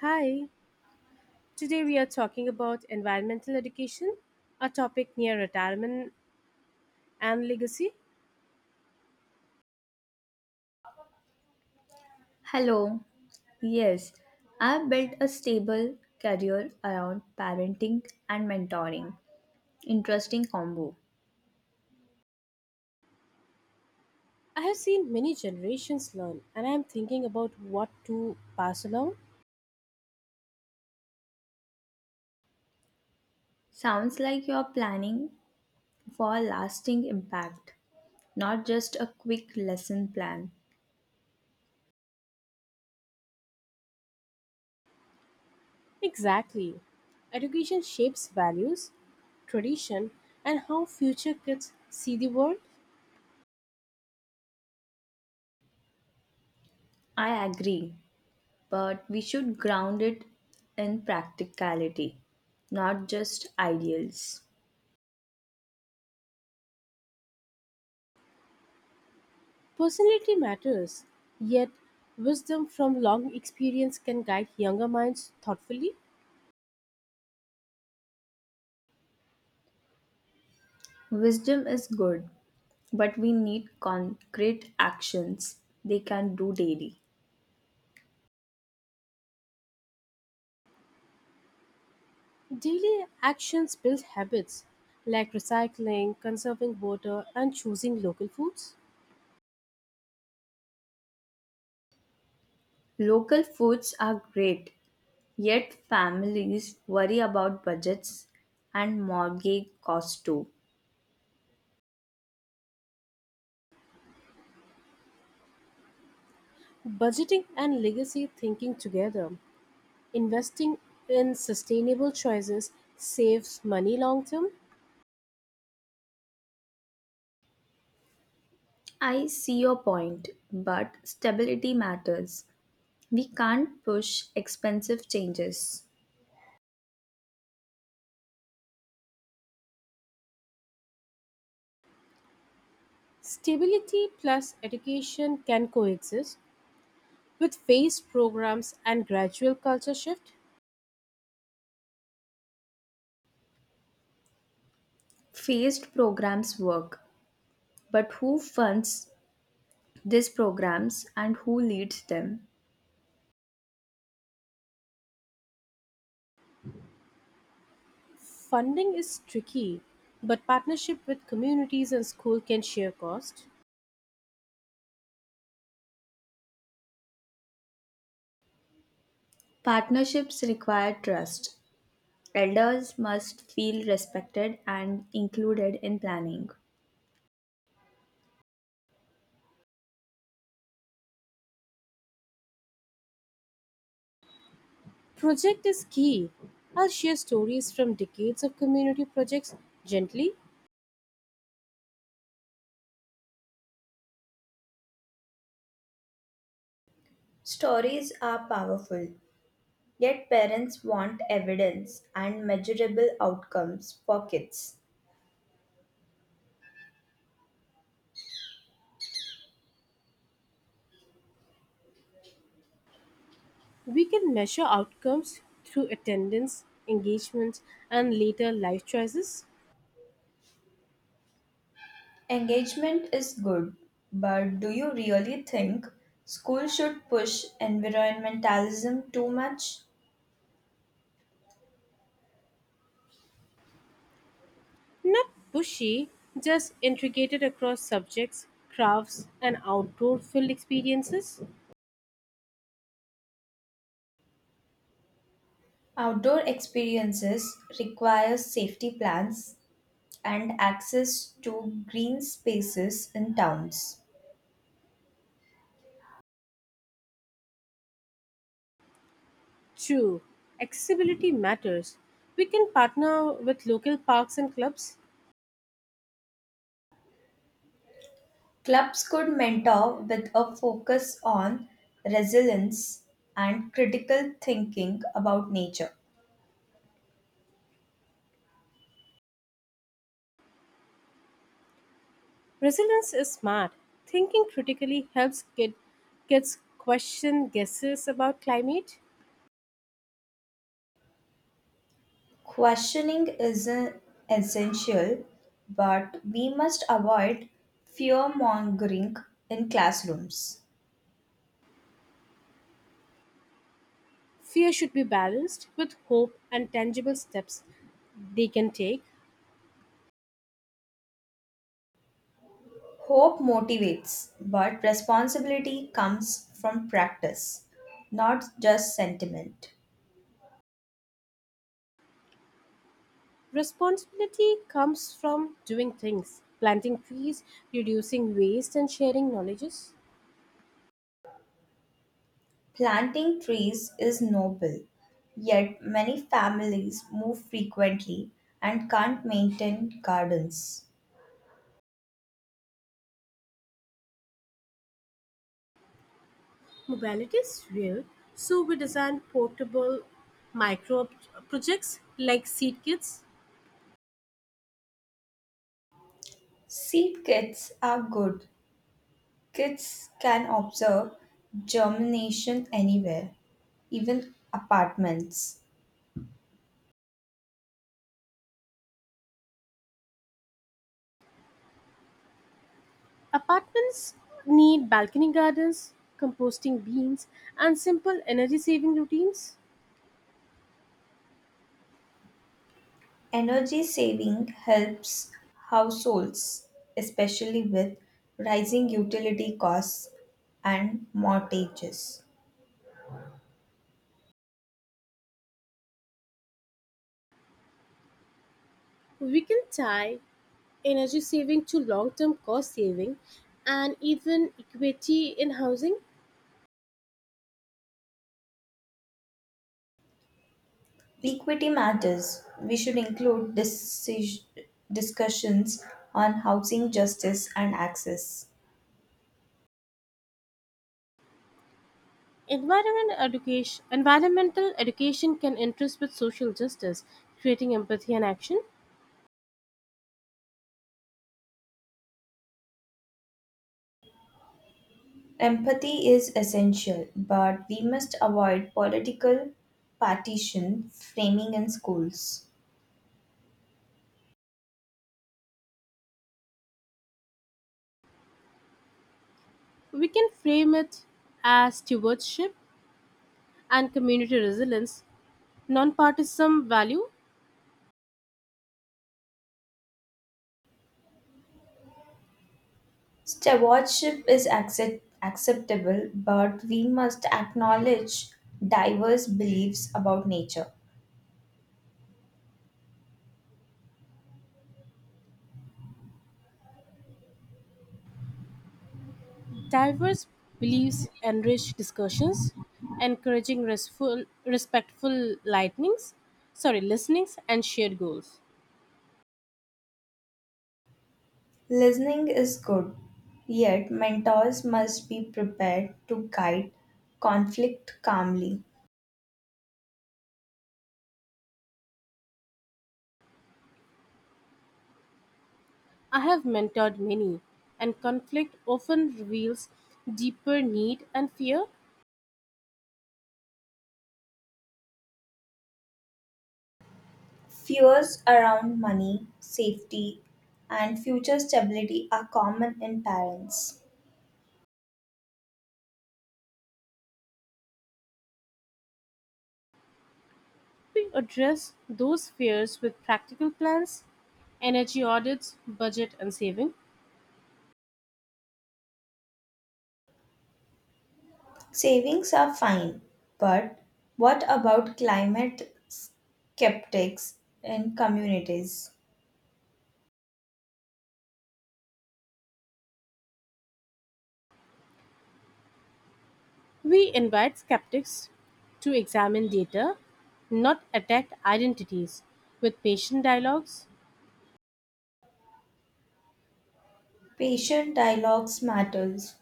Hi, today we are talking about environmental education, a topic near retirement and legacy. Hello. Yes, I've built a stable career around parenting and mentoring. Interesting combo. I have seen many generations learn, and I am thinking about what to pass along. Sounds like you're planning for a lasting impact, not just a quick lesson plan. Exactly. Education shapes values, tradition, and how future kids see the world. I agree, but we should ground it in practicality, not just ideals. Personality matters, yet wisdom from long experience can guide younger minds thoughtfully. Wisdom is good, but we need concrete actions they can do daily. Daily actions build habits like recycling, conserving water, and choosing local foods. Local foods are great, yet families worry about budgets and mortgage costs too. Budgeting and legacy thinking together, investing in sustainable choices saves money long term. I see your point, but stability matters. We can't push expensive changes. Stability plus education can coexist with phased programs and gradual culture shift. Phased programs work, but who funds these programs and who leads them? Funding is tricky, but partnership with communities and school can share cost. Partnerships require trust. Elders must feel respected and included in planning. Project is key. I'll share stories from decades of community projects gently. Stories are powerful, yet parents want evidence and measurable outcomes for kids. We can measure outcomes through attendance, engagement, and later life choices. Engagement is good, but do you really think school should push environmentalism too much? Not pushy, just integrated across subjects, crafts, and outdoor field experiences. Outdoor experiences require safety plans and access to green spaces in towns. 2. Accessibility matters. We can partner with local parks and clubs. Clubs could mentor with a focus on resilience and critical thinking about nature. Resilience is smart. Thinking critically helps kids question guesses about climate. Questioning is essential, but we must avoid fear mongering in classrooms. Fear should be balanced with hope and tangible steps they can take. Hope motivates, but responsibility comes from practice, not just sentiment. Responsibility comes from doing things, planting trees, reducing waste, and sharing knowledges. Planting trees is noble, yet many families move frequently and can't maintain gardens. Mobility is real, so we design portable micro projects like seed kits. Seed kits are good. Kids can observe germination anywhere, even apartments. Apartments need balcony gardens, composting beans, and simple energy saving routines. Energy saving helps households, especially with rising utility costs and mortgages. We can tie energy saving to long term cost saving and even equity in housing. Equity matters. We should include discussions on housing justice and access. Environmental education can interest with social justice, creating empathy and action. Empathy is essential, but we must avoid political partition framing in schools. We can frame it as stewardship and community resilience, non-partisan value. Stewardship is acceptable, but we must acknowledge diverse beliefs about nature. Diverse beliefs enrich discussions, encouraging respectful listenings and shared goals. Listening is good, yet mentors must be prepared to guide conflict calmly. I have mentored many, and conflict often reveals deeper need and fear. Fears around money, safety, and future stability are common in parents. We address those fears with practical plans, energy audits, budget and saving. Savings are fine, but what about climate skeptics in communities? We invite skeptics to examine data, not attack identities, with patient dialogues. Patient dialogues matters.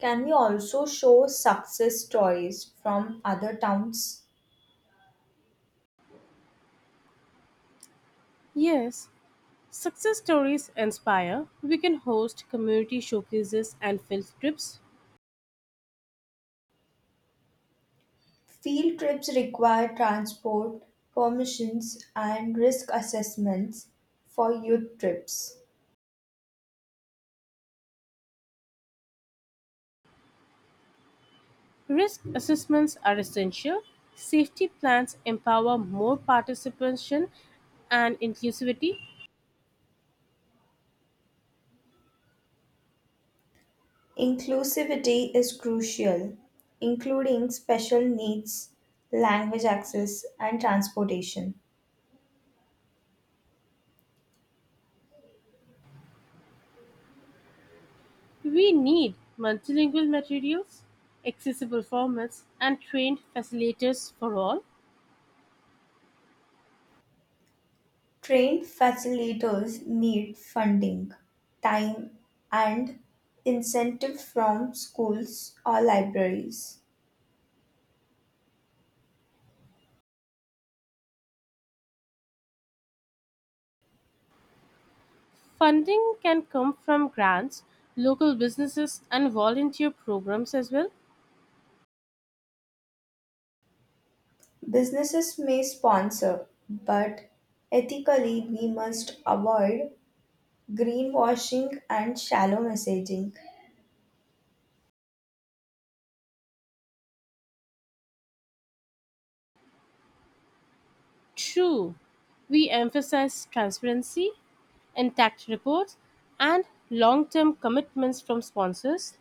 Can we also show success stories from other towns? Yes, success stories inspire. We can host community showcases and field trips. Field trips require transport, permissions, and risk assessments for youth trips. Risk assessments are essential. Safety plans empower more participation and inclusivity. Inclusivity is crucial, including special needs, language access, and transportation. We need multilingual materials, accessible formats, and trained facilitators for all. Trained facilitators need funding, time, and incentive from schools or libraries. Funding can come from grants, local businesses, and volunteer programs as well. Businesses may sponsor, but ethically we must avoid greenwashing and shallow messaging. True, we emphasize transparency intact reports, and long term commitments from sponsors.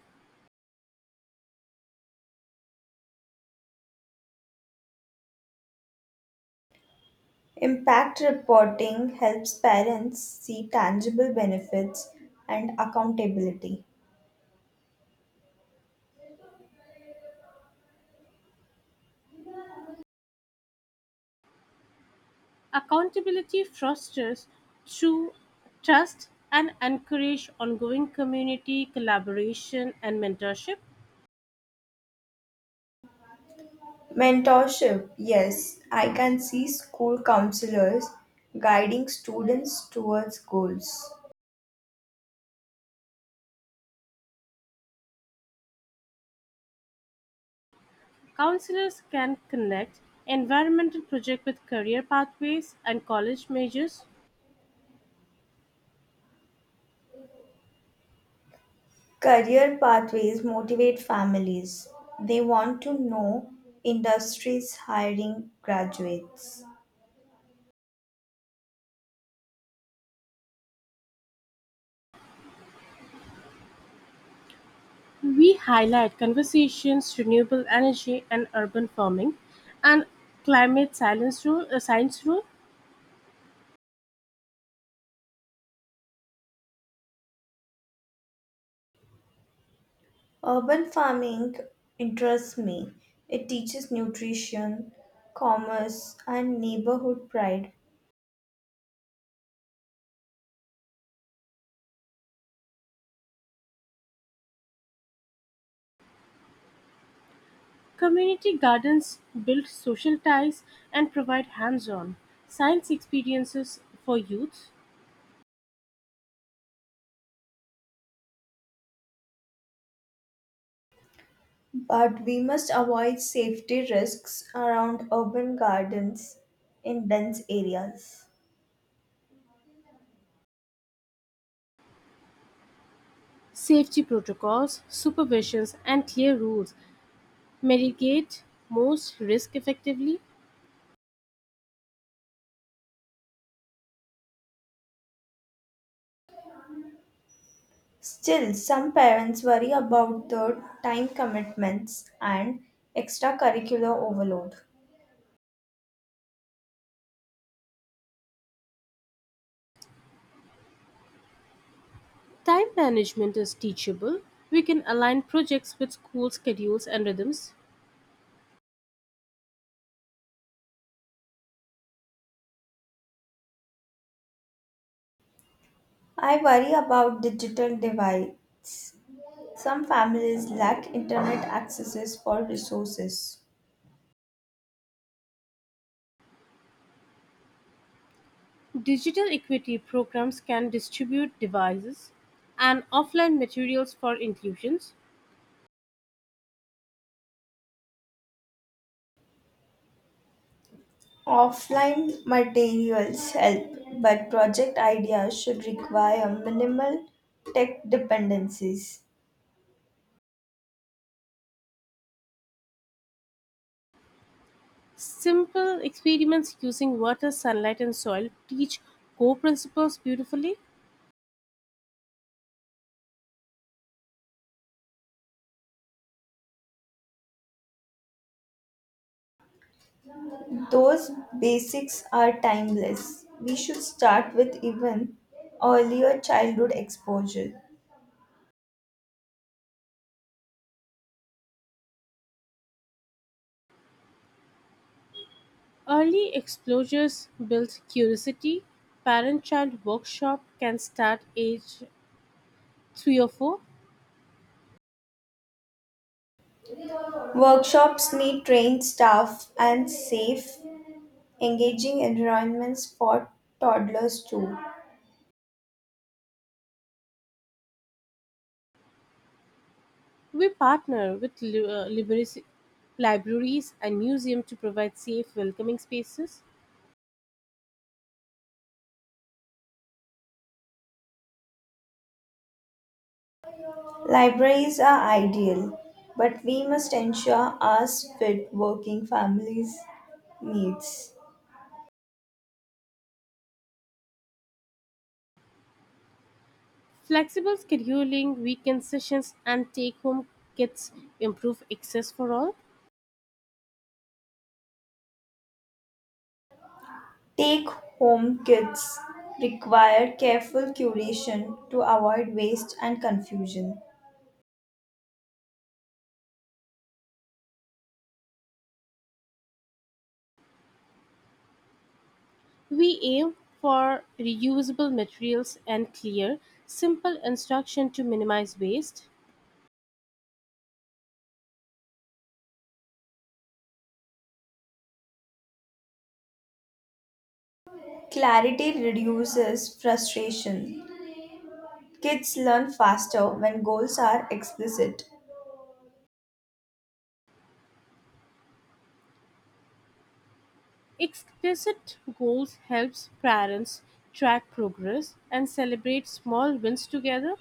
Impact reporting helps parents see tangible benefits and accountability. Accountability fosters true trust and encourage ongoing community collaboration and mentorship. Mentorship, yes, I can see school counselors guiding students towards goals. Counselors can connect environmental projects with career pathways and college majors. Career pathways motivate families. They want to know industries hiring graduates. We highlight conversations, renewable energy and urban farming, and science rule. Urban farming interests me. It teaches nutrition, commerce, and neighborhood pride. Community gardens build social ties and provide hands on science experiences for youth. But we must avoid safety risks around urban gardens in dense areas. Safety protocols, supervisions, and clear rules mitigate most risk effectively. Still, some parents worry about the time commitments and extracurricular overload. Time management is teachable. We can align projects with school schedules and rhythms. I worry about digital divides. Some families lack internet accesses for resources. Digital equity programs can distribute devices and offline materials for inclusions. Offline materials help, but project ideas should require minimal tech dependencies. Simple experiments using water, sunlight, and soil teach core principles beautifully. Those basics are timeless. We should start with even earlier childhood exposure. Early exposures build curiosity. Parent child workshop can start age 3 or 4. Workshops need trained staff and safe, engaging environments for toddlers too. We partner with libraries, libraries and museums to provide safe, welcoming spaces. Libraries are ideal, but we must ensure ours fit working families' needs. Flexible scheduling, weekend sessions, and take home kits improve access for all. Take home kits require careful curation to avoid waste and confusion. We aim for reusable materials and clear, simple instruction to minimize waste. Clarity reduces frustration. Kids learn faster when goals are explicit. Explicit goals helps parents track progress and celebrate small wins together.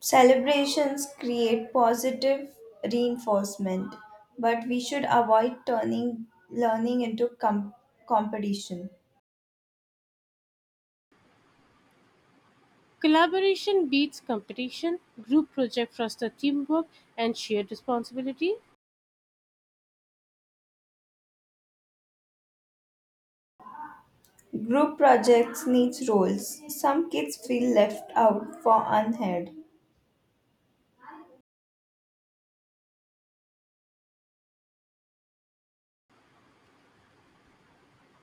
Celebrations create positive reinforcement, but we should avoid turning learning into competition. Collaboration beats competition. Group projects foster teamwork and shared responsibility. Group projects needs roles. Some kids feel left out for unheard.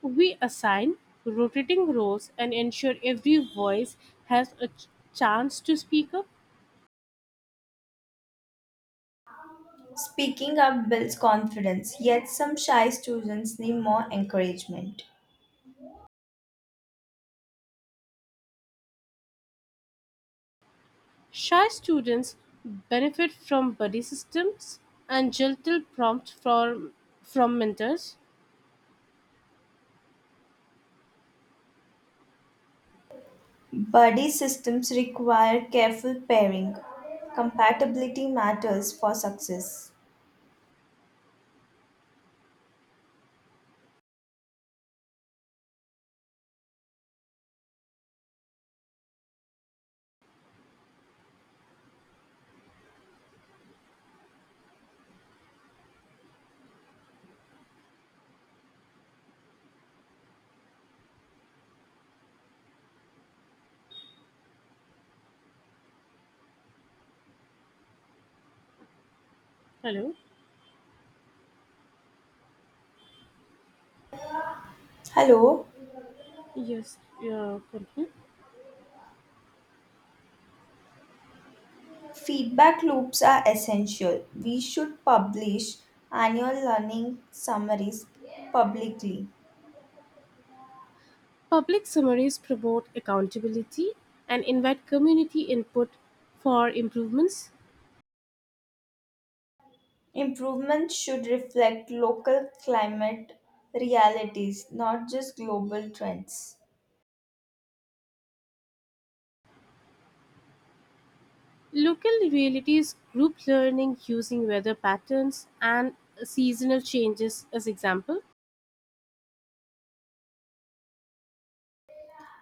We assign rotating roles and ensure every voice has a chance to speak up. Speaking up builds confidence, yet some shy students need more encouragement. Shy students benefit from buddy systems and gentle prompts from mentors. Buddy systems require careful pairing. Compatibility matters for success. Hello. Hello? Yes. Yeah. Continue. Feedback loops are essential. We should publish annual learning summaries publicly. Public summaries promote accountability and invite community input for improvements. Improvements should reflect local climate realities, not just global trends. Local realities, group learning using weather patterns and seasonal changes as example.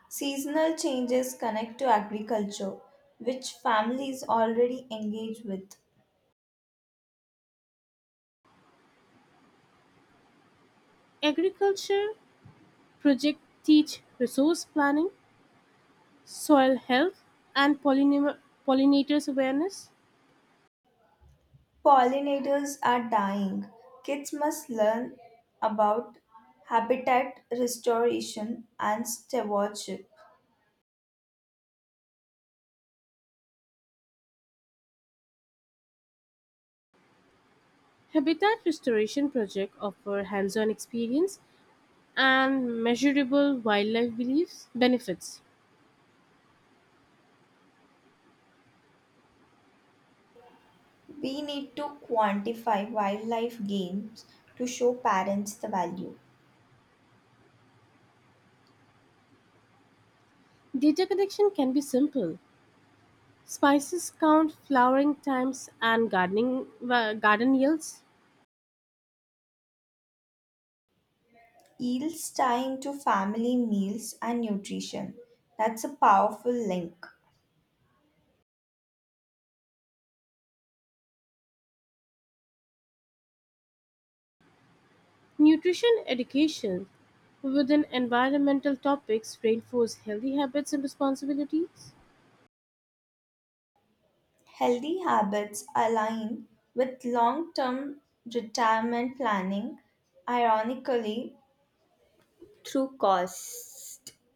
Seasonal changes connect to agriculture, which families already engage with. Agriculture project teach resource planning soil health, and pollinators awareness. Pollinators are dying. Kids must learn about habitat restoration and stewardship. Habitat restoration project offer hands-on experience and measurable wildlife beliefs benefits. We need to quantify wildlife gains to show parents the value. Data collection can be simple. Spices count, flowering times, and garden yields. Yields tie into family meals and nutrition. That's a powerful link. Nutrition education within environmental topics reinforce healthy habits and responsibilities. Healthy habits align with long term retirement planning, ironically, through cost.